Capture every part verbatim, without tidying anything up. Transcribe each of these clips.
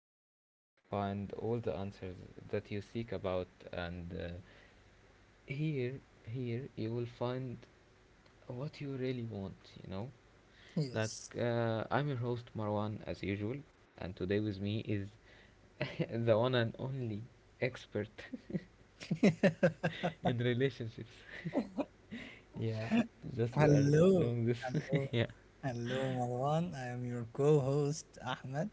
podcast where you find all the answers that you seek about. And uh, Here, here, you will find what you really want, you know? Like, Yes. uh, I'm your host, Marwan, as usual, and today with me is the one and only expert in relationships. Yeah, just we are Hello, doing this. hello, Yeah. hello, Marwan. I am your co-host Ahmed,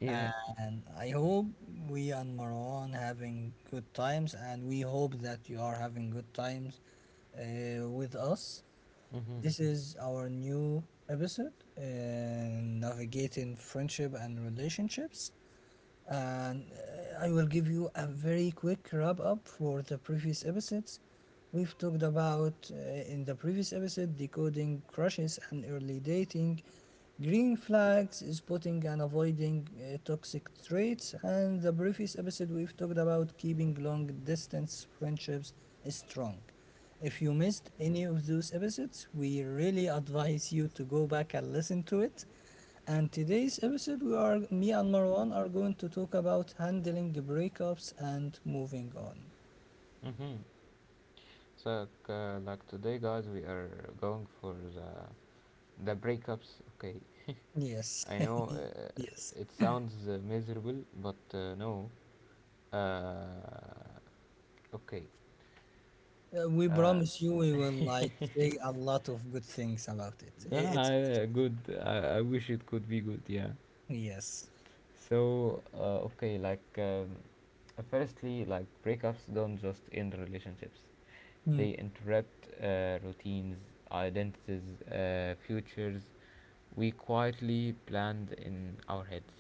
Yeah. and I hope we and Marwan having good times, and we hope that you are having good times uh, with us. Mhm. This is our new episode, uh, navigating friendship and relationships. And uh, I will give you a very quick wrap up for the previous episodes. We've talked about uh, in the previous episode decoding crushes and early dating, green flags, spotting and avoiding uh, toxic traits, and the previous episode we've talked about keeping long distance friendships strong. If you missed any of those episodes, we really advise you to go back and listen to it. And today's episode, we are me and Marwan are going to talk about handling the breakups and moving on. Mhm. So, uh, like today, guys, we are going for the the breakups, okay. Yes, I know uh, yes. it sounds uh, miserable, but uh, no. Uh, okay. Uh, we Uh, promise you, we will like say a lot of good things about it. I- Nah, It's I- uh, Good. I, I wish it could be good, yeah. yes. So, uh, okay, like, um, uh, firstly, like, breakups don't just end relationships, Hmm. they interrupt uh, routines, identities, uh, futures we quietly planned in our heads,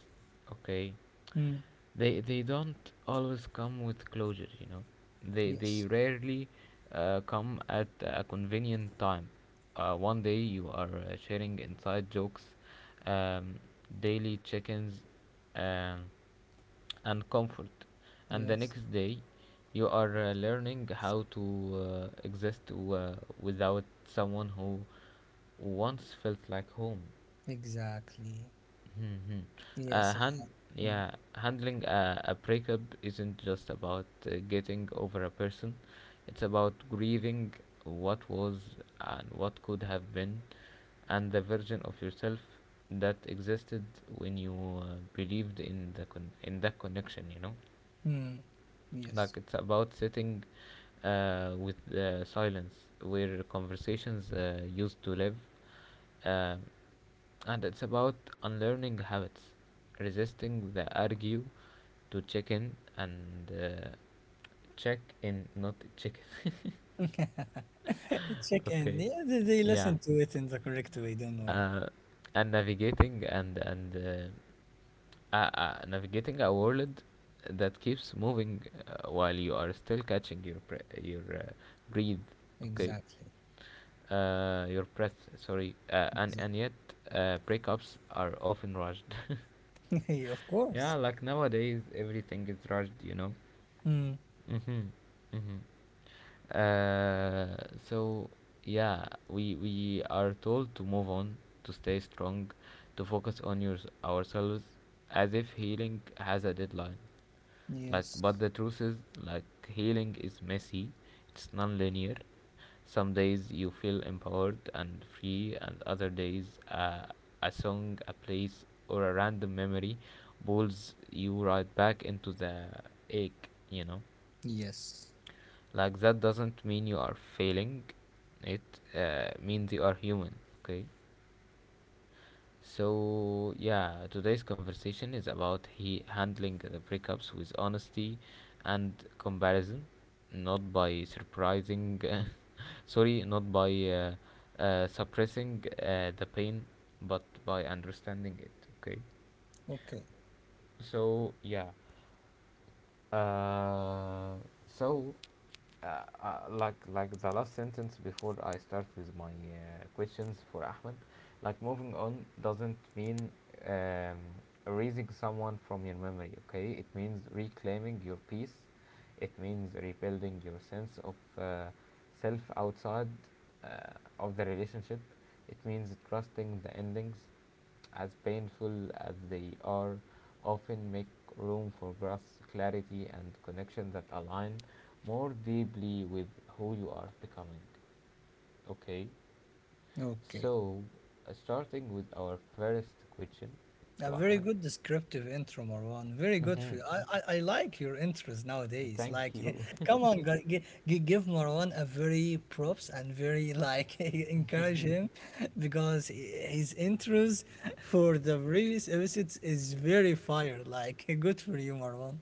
okay? Hmm. they they don't always come with closure, you know, they they Yes. rarely uh, come at a convenient time. uh, one day you are uh, sharing inside jokes, um, daily check-ins, um, and comfort, and the Yes. next day you are uh, learning how to uh, exist uh, without someone who once felt like home. Exactly. Mhm. Yes. Uh, hand, Hmm. yeah, handling a, a breakup isn't just about uh, getting over a person. It's about grieving what was and what could have been, and the version of yourself that existed when you uh, believed in the con- in that connection. You know, Hmm. Yes. like it's about sitting uh, with uh, silence where conversations uh, used to live, um, and it's about unlearning habits, resisting the argue to check in and uh, check in not chicken. You Check chicken. Okay. Yeah, they, they Yeah. listen to it in the correct way, don't worry. Uh, and navigating and and uh, uh, uh, navigating a world that keeps moving uh, while you are still catching your pre- your uh, breathe. Okay. Exactly. Uh, your breath. Sorry. Uh, and and yet, uh, breakups are often rushed. Exactly. of Yeah, course. like nowadays everything is rushed. You know. Hmm. Mhm. Mhm. Uh, so yeah, we we are told to move on, to stay strong, to focus on your ourselves, as if healing has a deadline. Like, Yes. but the truth is, like healing is messy, it's non-linear. Some days you feel empowered and free, and other days uh, a song, a place, or a random memory pulls you right back into the ache. You know, Yes. like that doesn't mean you are failing it, uh, means you are human, okay. So yeah, today's conversation is about he handling the breakups with honesty and comparison, not by surprising sorry not by uh, uh, suppressing uh, the pain, but by understanding it, okay. Okay. So yeah. Uh, so, uh, uh, like like the last sentence before I start with my uh, questions for Ahmed, like moving on doesn't mean um, erasing someone from your memory. Okay, it means reclaiming your peace. It means rebuilding your sense of uh, self outside uh, of the relationship. It means trusting the endings, as painful as they are, often make room for growth, clarity, and connection that align more deeply with who you are becoming. Okay, Okay. so uh, starting with our first question A to very Ahmed. good descriptive intro, Marwan. Very good Hmm. for you. I, I, I like your intros nowadays. Thank Like, you. come on, gu- gi- gi- give Marwan a very props and very like encourage him because he- his intros for the previous episodes is very fire. Like, good for you, Marwan.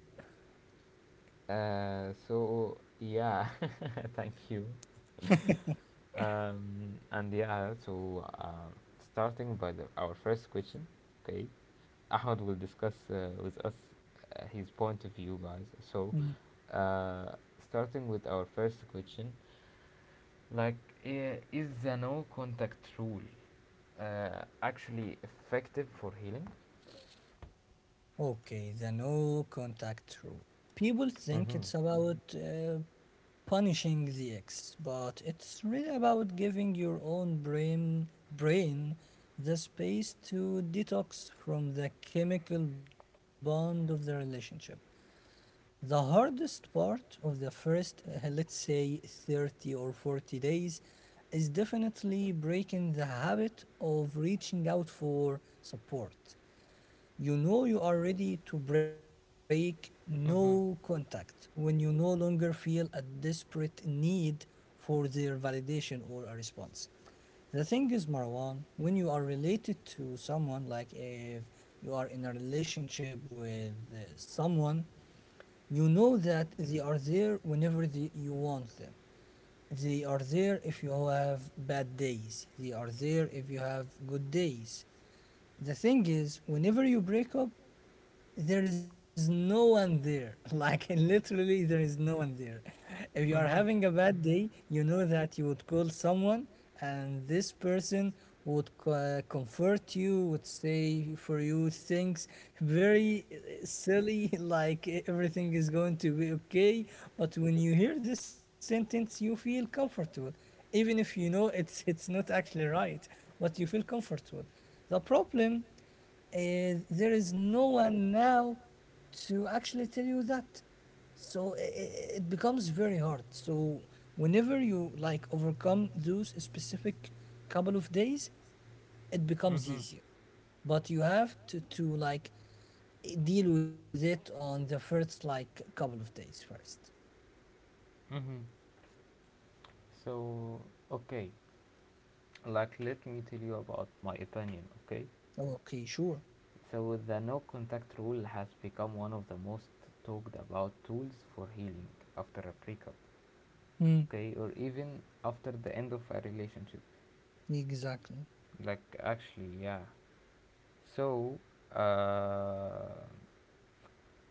Uh, so yeah, thank you. Um, and yeah, so uh, Starting by the, our first question, okay, Ahmed will discuss uh, with us uh, his point of view, guys. So, uh, starting with our first question, like, i- is the no contact rule uh, actually effective for healing? Okay, the no contact rule. People Mm-hmm. think it's about uh, punishing the ex, but it's really about giving your own brain brain the space to detox from the chemical bond of the relationship. The hardest part of the first, uh, let's say, thirty or forty days is definitely breaking the habit of reaching out for support. You know you are ready to break no contact when you no longer feel a desperate need for their validation or a response. The thing is, Marwan, when you are related to someone, like if you are in a relationship with uh, someone, you know that they are there whenever they, you want them. They are there if you have bad days. They are there if you have good days. The thing is, whenever you break up, there is no one there. Like literally, there is no one there. If you are Mm-hmm. having a bad day, you know that you would call someone, and this person would co- uh, comfort you, would say for you things very uh, silly, like e- everything is going to be okay. But when you hear this sentence, you feel comfortable, even if you know it's it's not actually right. But you feel comfortable. The problem uh, there is no one now to actually tell you that. So i- i- it becomes very hard. So whenever you like overcome those specific couple of days, it becomes Mm-hmm. easier. But you have to, to like i- deal with it on the first like couple of days first. Mm-hmm. So, okay. Like let me tell you about my opinion, okay. Okay, sure. So the no contact rule has become one of the most talked about tools for healing after a breakup, Mm, okay, or even after the end of a relationship. exactly. Like actually, yeah. So uh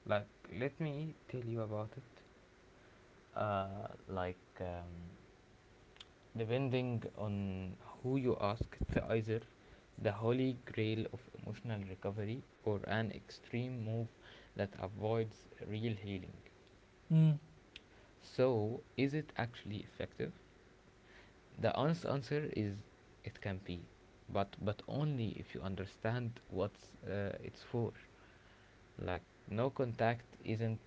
like let me tell you about it. uh like um Depending on who you ask, it's either the holy grail of emotional recovery or an extreme move that avoids real healing. Mm. So, is it actually effective? The honest answer is it can be, but but only if you understand what uh, it's for. Like no contact isn't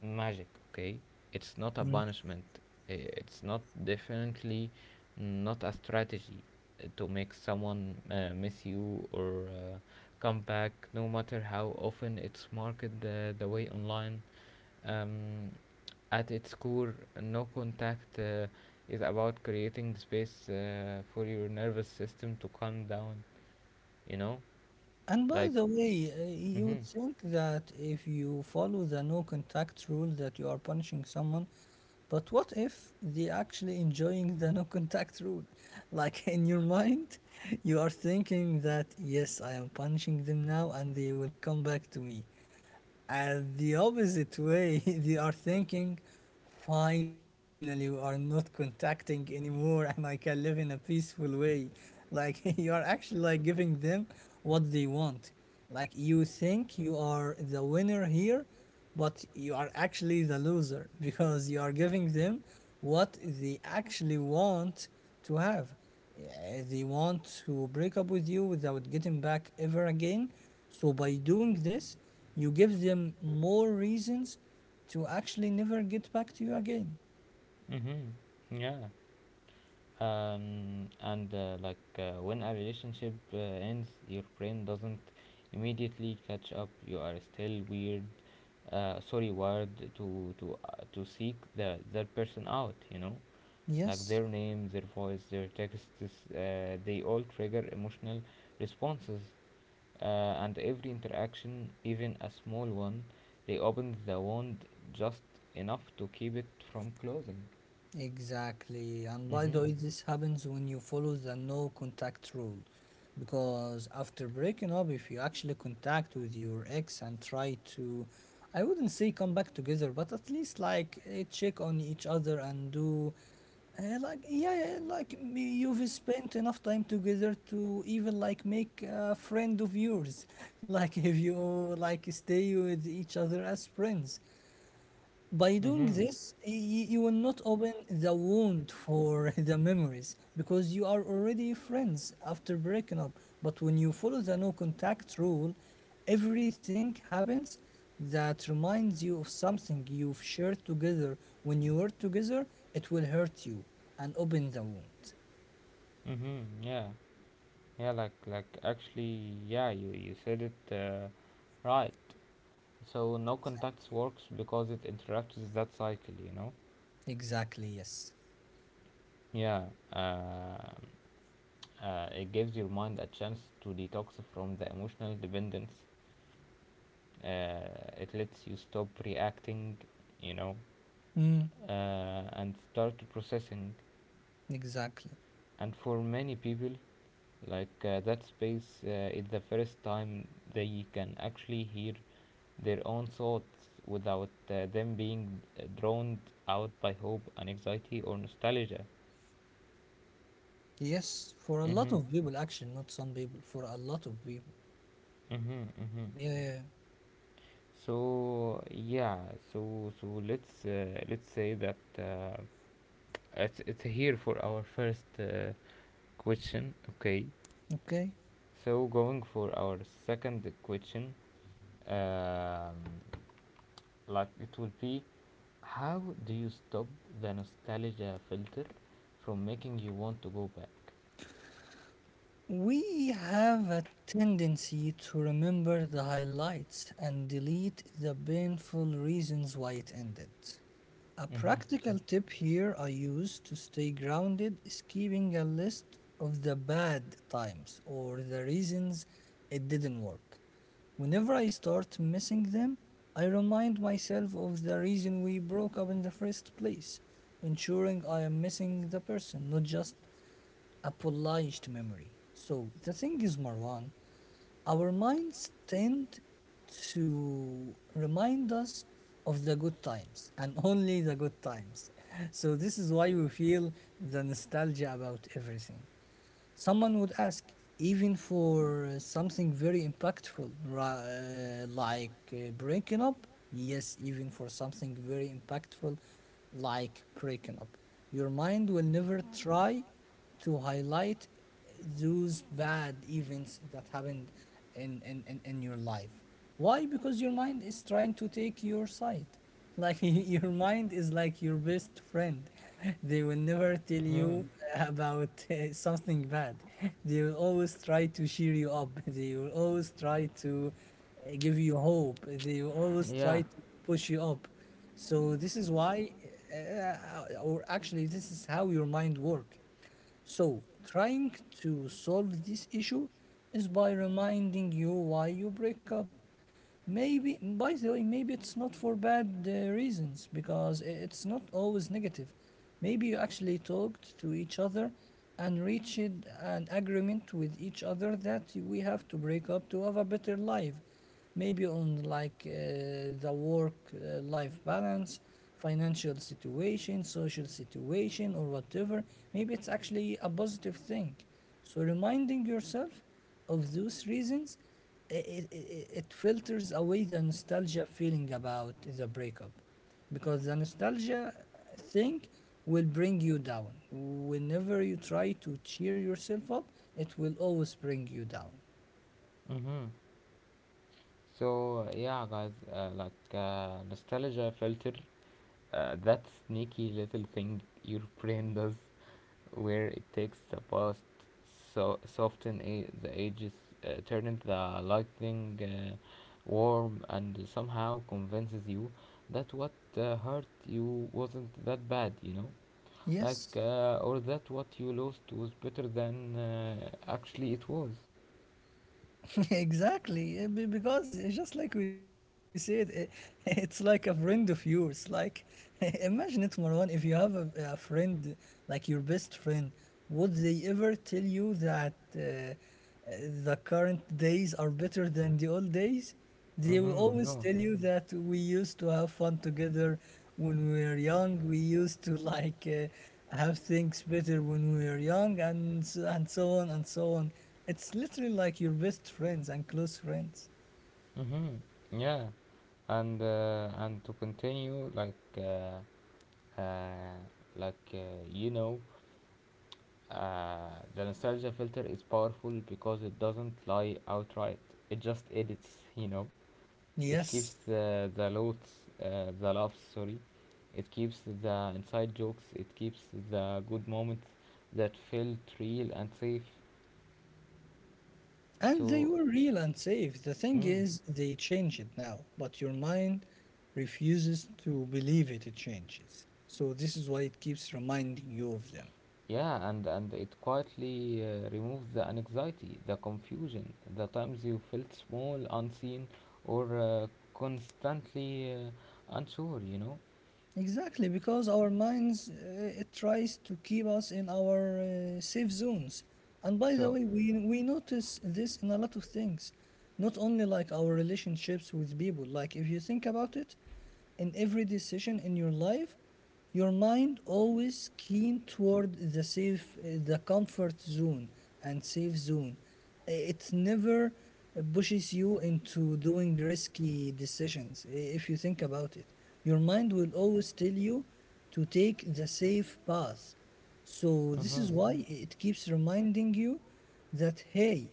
magic, okay? It's not a punishment. It's not definitely not a strategy uh, to make someone uh, miss you or uh, come back, no matter how often it's marketed uh, the way online. Um, at its core, no contact uh, is about creating space uh, for your nervous system to calm down. You know, And by like, the way, uh, you would mhm, think that if you follow the no contact rule that you are punishing someone, but what if they actually enjoying the no contact rule? Like in your mind, you are thinking that yes, I am punishing them now and they will come back to me. And the opposite way, they are thinking, finally, we are not contacting anymore and I can live in a peaceful way. Like, you are actually like giving them what they want. Like, you think you are the winner here, but you are actually the loser because you are giving them what they actually want to have. Yeah, they want to break up with you without getting back ever again. So by doing this, you give them more reasons to actually never get back to you again. mhm, yeah. um, and uh, like uh, when a relationship uh, ends, your brain doesn't immediately catch up. You are still weird uh, sorry wired to to uh, to seek the that person out, you know, like Yes. their name, their voice, their texts, uh, they all trigger emotional responses, uh, and every interaction, even a small one, reopens the wound just enough to keep it from closing. Exactly. And by the Mm-hmm. way, this happens when you follow the no contact rule. Because after breaking up, if you actually contact with your ex and try to, I wouldn't say come back together, but at least like eh, check on each other and do, uh, like, yeah, yeah, like m- you've spent enough time together to even like make a friend of yours. Like if you like stay with each other as friends. By doing Mm-hmm. this, y- y- you will not open the wound for the memories because you are already friends after breaking up. But when you follow the no contact rule, everything happens that reminds you of something you've shared together. When you were together, it will hurt you and open the wound. Mm-hmm. Yeah. Yeah, like like actually, yeah, you you said it uh, right. So no contacts works because it interrupts that cycle, you know? Exactly, yes. Yeah. Um. Uh, it gives your mind a chance to detox from the emotional dependence. Uh, it lets you stop reacting, you know, Mm, uh, and start processing. exactly. And for many people, like uh, that space uh, is the first time they can actually hear their own thoughts without uh, them being uh, drowned out by hope and anxiety or nostalgia. Yes, for a lot Mm-hmm. of people, actually, not some people, for a lot of people. Mm-hmm. Mm-hmm. Yeah, yeah, So yeah, so so let's uh, let's say that uh, it's it's here for our first uh, question. Okay, yeah. Okay. so going for our second question, um, like it will be, how do you stop the nostalgia filter from making you want to go back? We have a tendency to remember the highlights and delete the painful reasons why it ended. A Mm-hmm. practical tip here I use to stay grounded is keeping a list of the bad times or the reasons it didn't work. Whenever I start missing them, I remind myself of the reason we broke up in the first place, ensuring I am missing the person, not just a polished memory. So the thing is, Marwan, our minds tend to remind us of the good times and only the good times. So this is why we feel the nostalgia about everything. Someone would ask, even for uh, something very impactful, ra- uh, like uh, breaking up. Yes, even for something very impactful, like breaking up. Your mind will never try to highlight those bad events that happened in, in, in, in your life. Why? Because your mind is trying to take your side. Like your mind is like your best friend. They will never tell Hmm. you about uh, something bad. They will always try to cheer you up. They will always try to uh, give you hope. They will always Yeah. try to push you up. So this is why, uh, or actually, this is how your mind works. So, trying to solve this issue is by reminding you why you break up. Maybe, by the way, maybe it's not for bad uh, reasons because i- it's not always negative. Maybe you actually talked to each other and reached an agreement with each other that we have to break up to have a better life. Maybe on like uh, the work uh, life balance, financial situation, social situation, or whatever. Maybe it's actually a positive thing. So reminding yourself of those reasons, it, it, it filters away the nostalgia feeling about the breakup because the nostalgia thing will bring you down. Whenever you try to cheer yourself up, it will always bring you down. Mm-hmm. So uh, yeah, guys, uh, like uh, nostalgia filter, uh, that sneaky little thing your brain does, where it takes the past, so soften a- the edges, uh, turn it the lightning uh, warm, and somehow convinces you that what uh, hurt you wasn't that bad, you know, like Yes, uh, or that what you lost was better than uh, actually it was. exactly, eh, be- because eh, just like we said, eh, it's like a friend of yours. Like, imagine it, Marwan, if you have a, a friend, like your best friend, would they ever tell you that uh, eh, the current days are better than the old days? They will Mm-hmm, always no. tell you that we used to have fun together when we were young. We used to like uh, have things better when we were young, and so, and so on and so on. It's literally like your best friends and close friends. Mm-hmm. Yeah, and, uh, and to continue, like uh, uh, like uh, you know, uh, the nostalgia filter is powerful because it doesn't lie outright. It just edits, you know. It Yes, keeps uh, the loads, uh, the laughs, sorry. It keeps the inside jokes. It keeps the good moments that felt real and safe. and they So, were real and safe. The thing mm. is, they change it now, but your mind refuses to believe it. It changes, so this is why it keeps reminding you of them. Yeah, and, and it quietly uh, removes the anxiety, the confusion, the times you felt small, unseen, or uh, constantly uh, unsure, you know? Exactly, because our minds uh, it tries to keep us in our uh, safe zones. And by the So, way, we we notice this in a lot of things, not only like our relationships with people. Like if you think about it, in every decision in your life your mind always keen toward the safe uh, the comfort zone and safe zone. It never uh, pushes you into doing risky decisions. If you think about it, your mind will always tell you to take the safe path. So this is mhm, why it keeps reminding you that hey,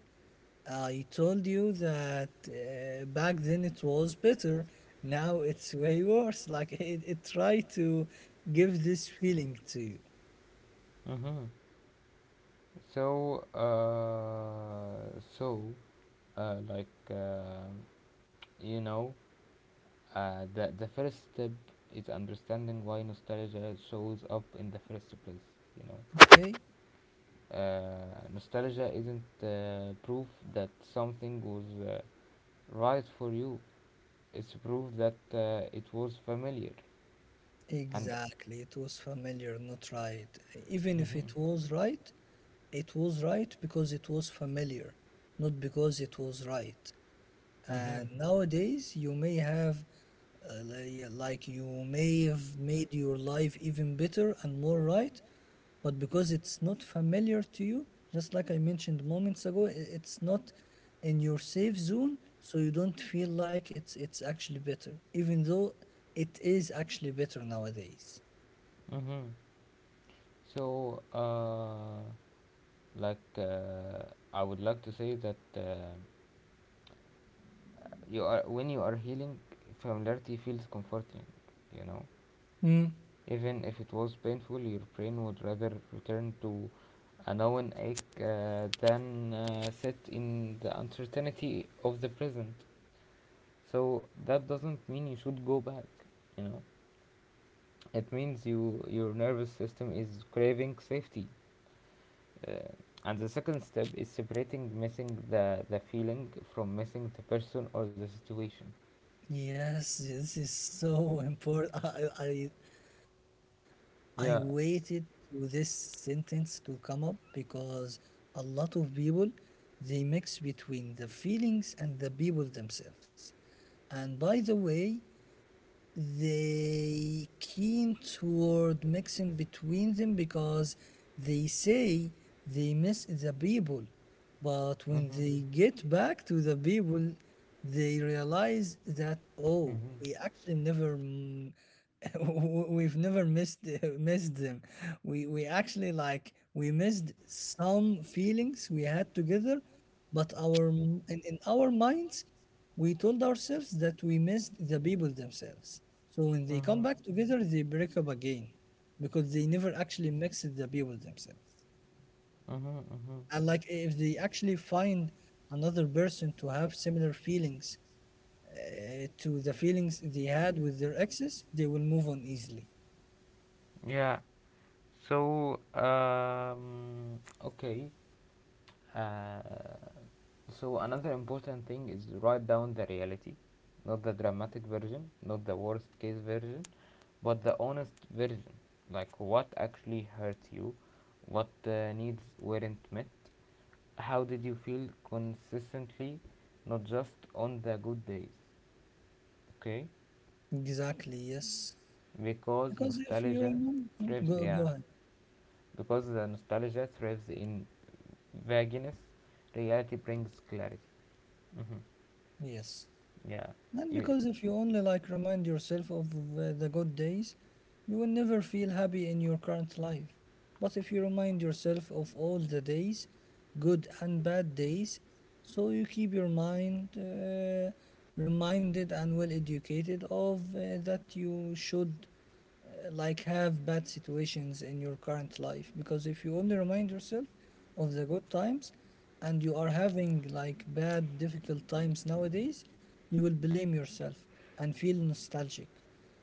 I told you that uh, back then it was better. Now it's way worse. Like it, it tried to give this feeling to you. mhm. So, uh, so, uh, like, uh, you know, uh, the, the first step is understanding why nostalgia shows up in the first place, you know? Okay? Uh, nostalgia isn't uh, proof that something was uh, right for you. It's proof that uh, it was familiar. And Exactly. It was familiar, not right. Even if mm-hmm, it was right, it was right because it was familiar, not because it was right. mm-hmm, And nowadays, you may have, uh, li- yeah, like, you may have made your life even better and more right, but because it's not familiar to you, just like I mentioned moments ago, i- it's not in your safe zone, so you don't feel like it's it's actually better, even though it is actually better nowadays. mm-hmm. So, uh, like, uh, I would like to say that uh, you are when you are healing, familiarity feels comforting. You know, Mm. even if it was painful, your brain would rather return to a known ache uh, than uh, sit in the uncertainty of the present. So that doesn't mean you should go back. You know, it means you your nervous system is craving safety. Uh, and the second step is separating missing the the feeling from missing the person or the situation. Yes, this is so important. I, I I waited Yeah. to this sentence to come up because a lot of people they mix between the feelings and the people themselves. And by the way, they keen toward mixing between them because they say they miss the people, but when Mhm. they get back to the people they realize that, oh, Mhm. we actually never mm, w- we've never missed missed them. We we actually, like, we missed some feelings we had together, but our m- in, in our minds we told ourselves that we missed the people themselves. So when they come Mhm. back together, they break up again because they never actually mixed the people themselves. Mhm. Mhm. And, like, if they actually find another person to have similar feelings uh, to the feelings they had with their exes, they will move on easily. Yeah. So, um, okay. Uh, so another important thing is write down the reality, not the dramatic version, not the worst case version, but the honest version. Like what actually hurt you, what uh, needs weren't met, how did you feel consistently, not just on the good days. Okay, Exactly, yes. because Because if you nostalgia remember, hmm, thrives. go, Yeah, go ahead. because the nostalgia thrives in vagueness, reality brings clarity. Hmm. Yes. Yeah. And You, because if you only, like, remind yourself of uh, the good days, you will never feel happy in your current life. But if you remind yourself of all the days, good and bad days, so you keep your mind uh, reminded and well educated of, uh, that you should, uh, like, have bad situations in your current life. Because if you only remind yourself of the good times and you are having, like, bad difficult times nowadays, you will blame yourself and feel nostalgic.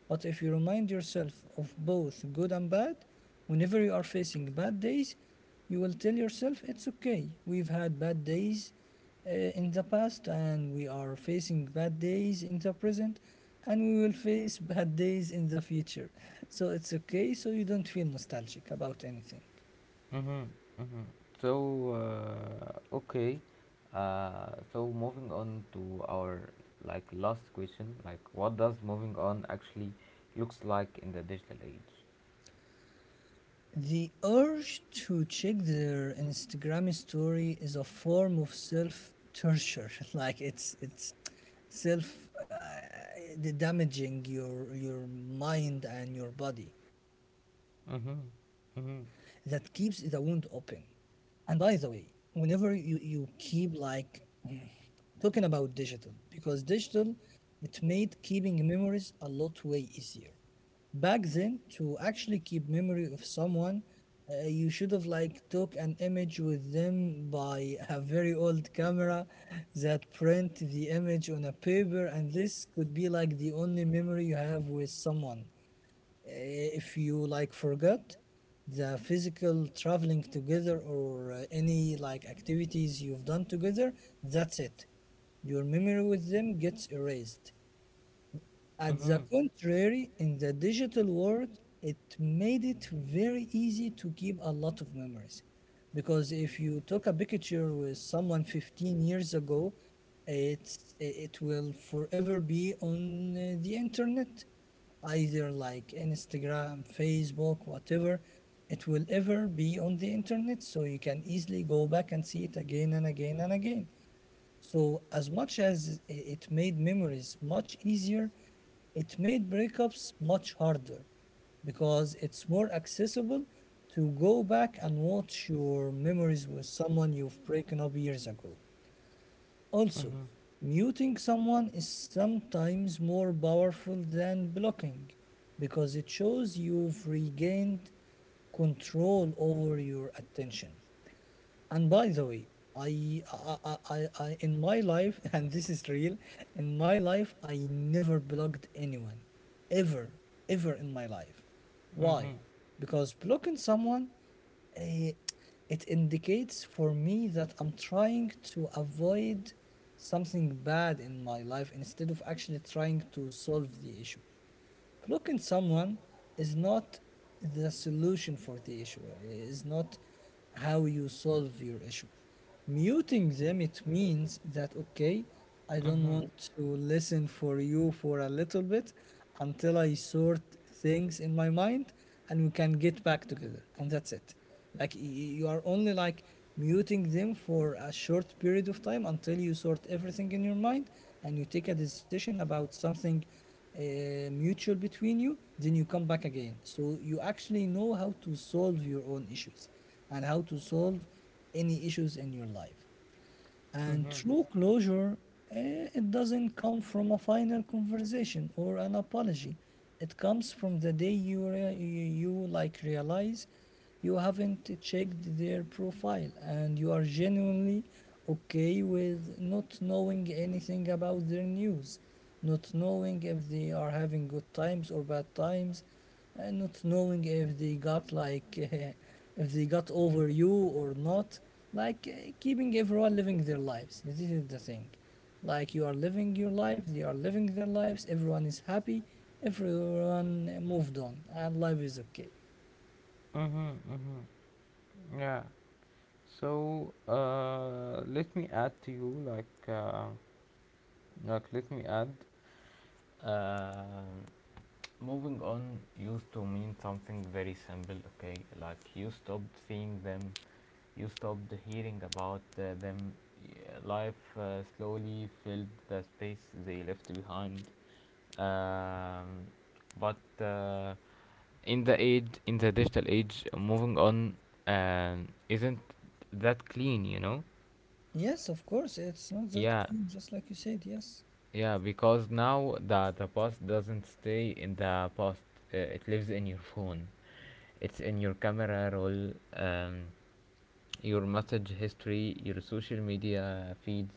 But if you remind yourself of both good and bad, whenever you are facing bad days, you will tell yourself, it's okay, we've had bad days uh, in the past, and we are facing bad days in the present, and we will face bad days in the future, so it's okay, so you don't feel nostalgic about anything. hmm. Hmm. So, uh, okay. Uh, so moving on to our like last question, like what does moving on actually looks like in the digital age? The urge to check their Instagram story is a form of self torture. Like, it's it's self uh, damaging your your mind and your body that keeps Mm-hmm. the wound Mm-hmm. open. And by the way, whenever you you keep, like, talking about digital, because digital, it made keeping memories a lot way easier. Back then, to actually keep memory of someone, uh, you should have, like, took an image with them by a very old camera that print the image on a paper, and this could be like the only memory you have with someone. Uh, if you, like, forgot the physical traveling together or, uh, any like activities you've done together, that's it, your memory with them gets erased. At Mm-hmm. the contrary, in the digital world, it made it very easy to keep a lot of memories. Because if you took a picture with someone fifteen years ago, it's, it will forever be on uh, the internet, either like Instagram, Facebook, whatever. It will ever be on the internet, so you can easily go back and see it again and again and again. So, as much as i- it made memories much easier, it made breakups much harder, because it's more accessible to go back and watch your memories with someone you've broken up years ago. Also, Mm-hmm. muting someone is sometimes more powerful than blocking, because it shows you've regained control over your attention. And by the way, I, I, I, I, I- in my life, and this is real, in my life, I never blocked anyone, ever, ever in my life. Why? Mm-hmm. Because blocking someone, eh, it indicates for me that I'm trying to avoid something bad in my life instead of actually trying to solve the issue. Blocking someone is not the solution for the issue, is not how you solve your issue. Muting them, it means that, okay, I don't Mm-hmm. want to listen for you for a little bit until I sort things in my mind and we can get back together. And that's it. Like y- you are only, like, muting them for a short period of time until you sort everything in your mind and you take a decision about something uh, mutual between you. Then you come back again. So you actually know how to solve your own issues and how to solve any issues in your life. And true closure, eh, it doesn't come from a final conversation or an apology. It comes from the day you, rea- you, you, like, realize you haven't checked their profile and you are genuinely okay with not knowing anything about their news, not knowing if they are having good times or bad times, and not knowing if they got, like, uh, if they got over you or not. Like, uh, keeping everyone living their lives, this is the thing. Like, you are living your life, they are living their lives, everyone is happy, everyone moved on, and life is okay. Mm-hmm. Mm-hmm. Yeah. So uh, let me add to you like uh, like let me add. Um Moving on used to mean something very simple, okay? Like you stopped seeing them, you stopped hearing about uh, them. y- Life uh, slowly filled the space they left behind. Um, but uh, in the age, in the digital age, moving on um, isn't that clean, you know? Yes, of course, it's not that Yeah, cool, just like you said, yes, yeah, because now the the past doesn't stay in the past. Uh, it lives in your phone. It's in your camera roll, um, your message history, your social media feeds.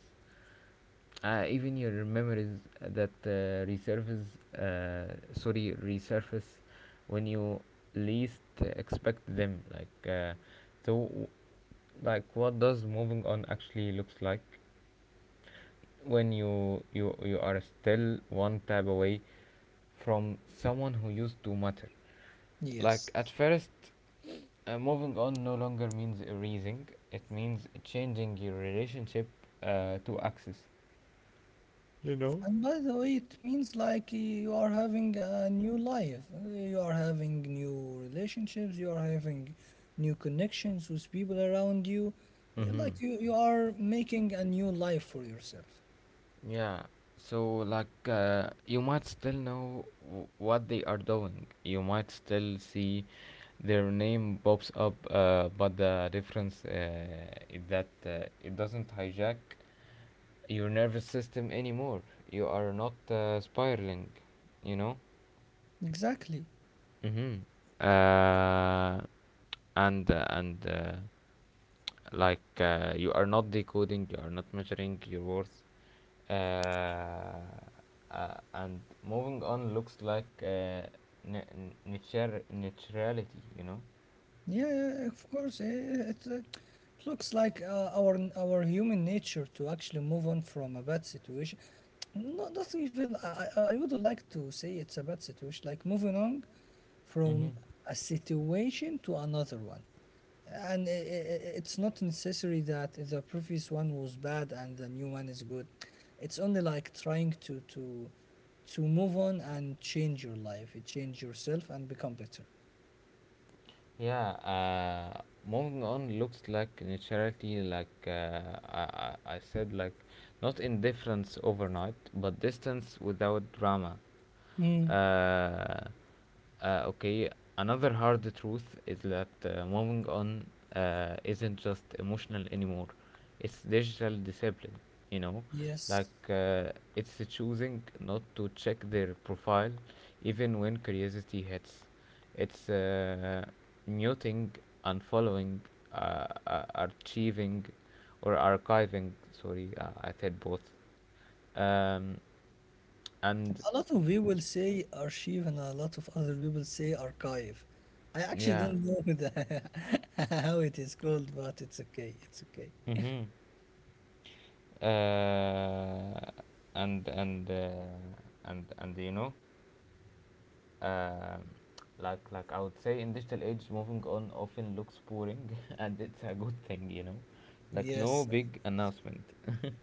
Uh, even your memories that uh, resurface, uh, sorry, resurface when you least expect them. Like, uh, so, like, what does moving on actually looks like when you you you are still one tab away from someone who used to matter? Like, yes. at first, uh, moving on no longer means erasing. It means changing your relationship uh, to access. And by the way, it means like you are having a new life. uh, You are having new relationships. You are having new connections with people around you. Yeah, Mm-hmm. like you, you are making a new life for yourself. Yeah, so like uh, you might still know w- what they are doing. You might still see their name pops up, uh, but the difference uh, is that uh, it doesn't hijack your nervous system anymore. You are not uh, spiraling, you know? Exactly. Mm-hmm. Uh, and uh, and uh, like uh, You are not decoding, you are not measuring your worth. Uh, uh, and moving on looks like uh, n- nature- naturality, you know? Yeah, yeah, of course. eh, It, uh, it looks like uh, our our human nature to actually move on from a bad situation. Not, not even I, I I would like to say it's a bad situation. Like, moving on Mm-hmm. from a situation to another one, and i i i- it's not necessary that the previous one was bad and the new one is good. It's only, like, trying to to to move on and change your life, change yourself, and become better. Yeah, uh, moving on looks like neutrality, like uh, I, I I said, like not indifference overnight, but distance without drama. Mm. Uh, uh, okay, another hard truth is that uh, moving on uh, isn't just emotional anymore, it's digital discipline, you know. Yes. Like, uh, it's choosing not to check their profile even when curiosity hits. It's uh, muting, unfollowing, uh, uh, archiving, or archiving. Sorry, uh, I said both. Um, and A lot of people say archive and a lot of other people say archive. I actually yeah. don't know the, how it is called, but it's okay. It's okay. Mm-hmm. Uh, and and uh, and and you know, um, like like I would say, in digital age, moving on often looks boring, and it's a good thing, you know, like no Yes. big announcement,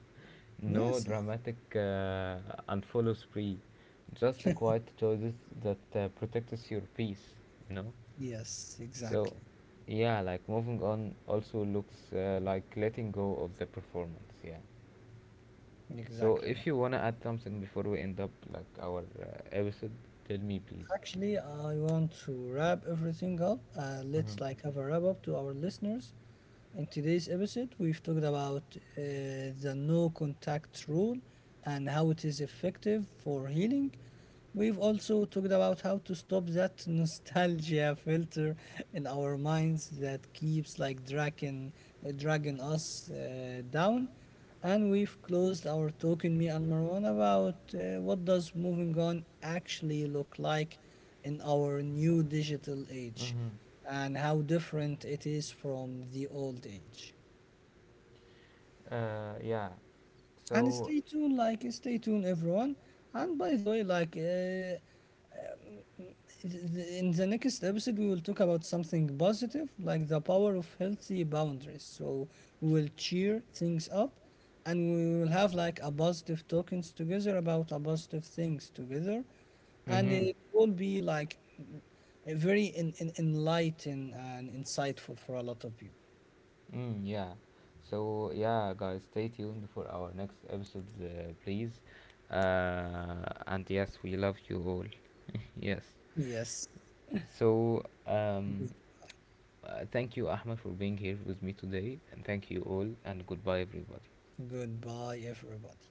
no Yes. Yes. dramatic uh, unfollow spree, just the quiet choices that uh, protects your peace, you know. Yes. So, Exactly. yeah, like moving on also looks uh, like letting go of the performance. Yeah. So, Exactly. if you wanna add something before we end up like our uh, episode, tell me please. Actually, I want to wrap everything up. Uh, Mm-hmm. Let's, like, have a wrap up to our listeners. In today's episode, we've talked about uh, the no contact rule and how it is effective for healing. We've also talked about how to stop that nostalgia filter in our minds that keeps like dragging, uh, dragging us uh, down. And we've closed our talk in me and Marwan about uh, what does moving on actually look like in our new digital age Mm-hmm. and how different it is from the old age. Uh, yeah. And So. stay tuned, like stay tuned, everyone. And by the way, like, uh, th- in the next episode, we will talk about something positive, like the power of healthy boundaries. So we will cheer things up, and we will have, like, a positive talkings together about a positive things together, and Mhm. it will be like a very in, in, enlightened and insightful for a lot of people. Mm, yeah. So yeah, guys, stay tuned for our next episode, uh, please. Uh, and yes, we love you all. Yes. Yes. So um, uh, thank you, Ahmed, for being here with me today, and thank you all, and goodbye, everybody. Goodbye, everybody.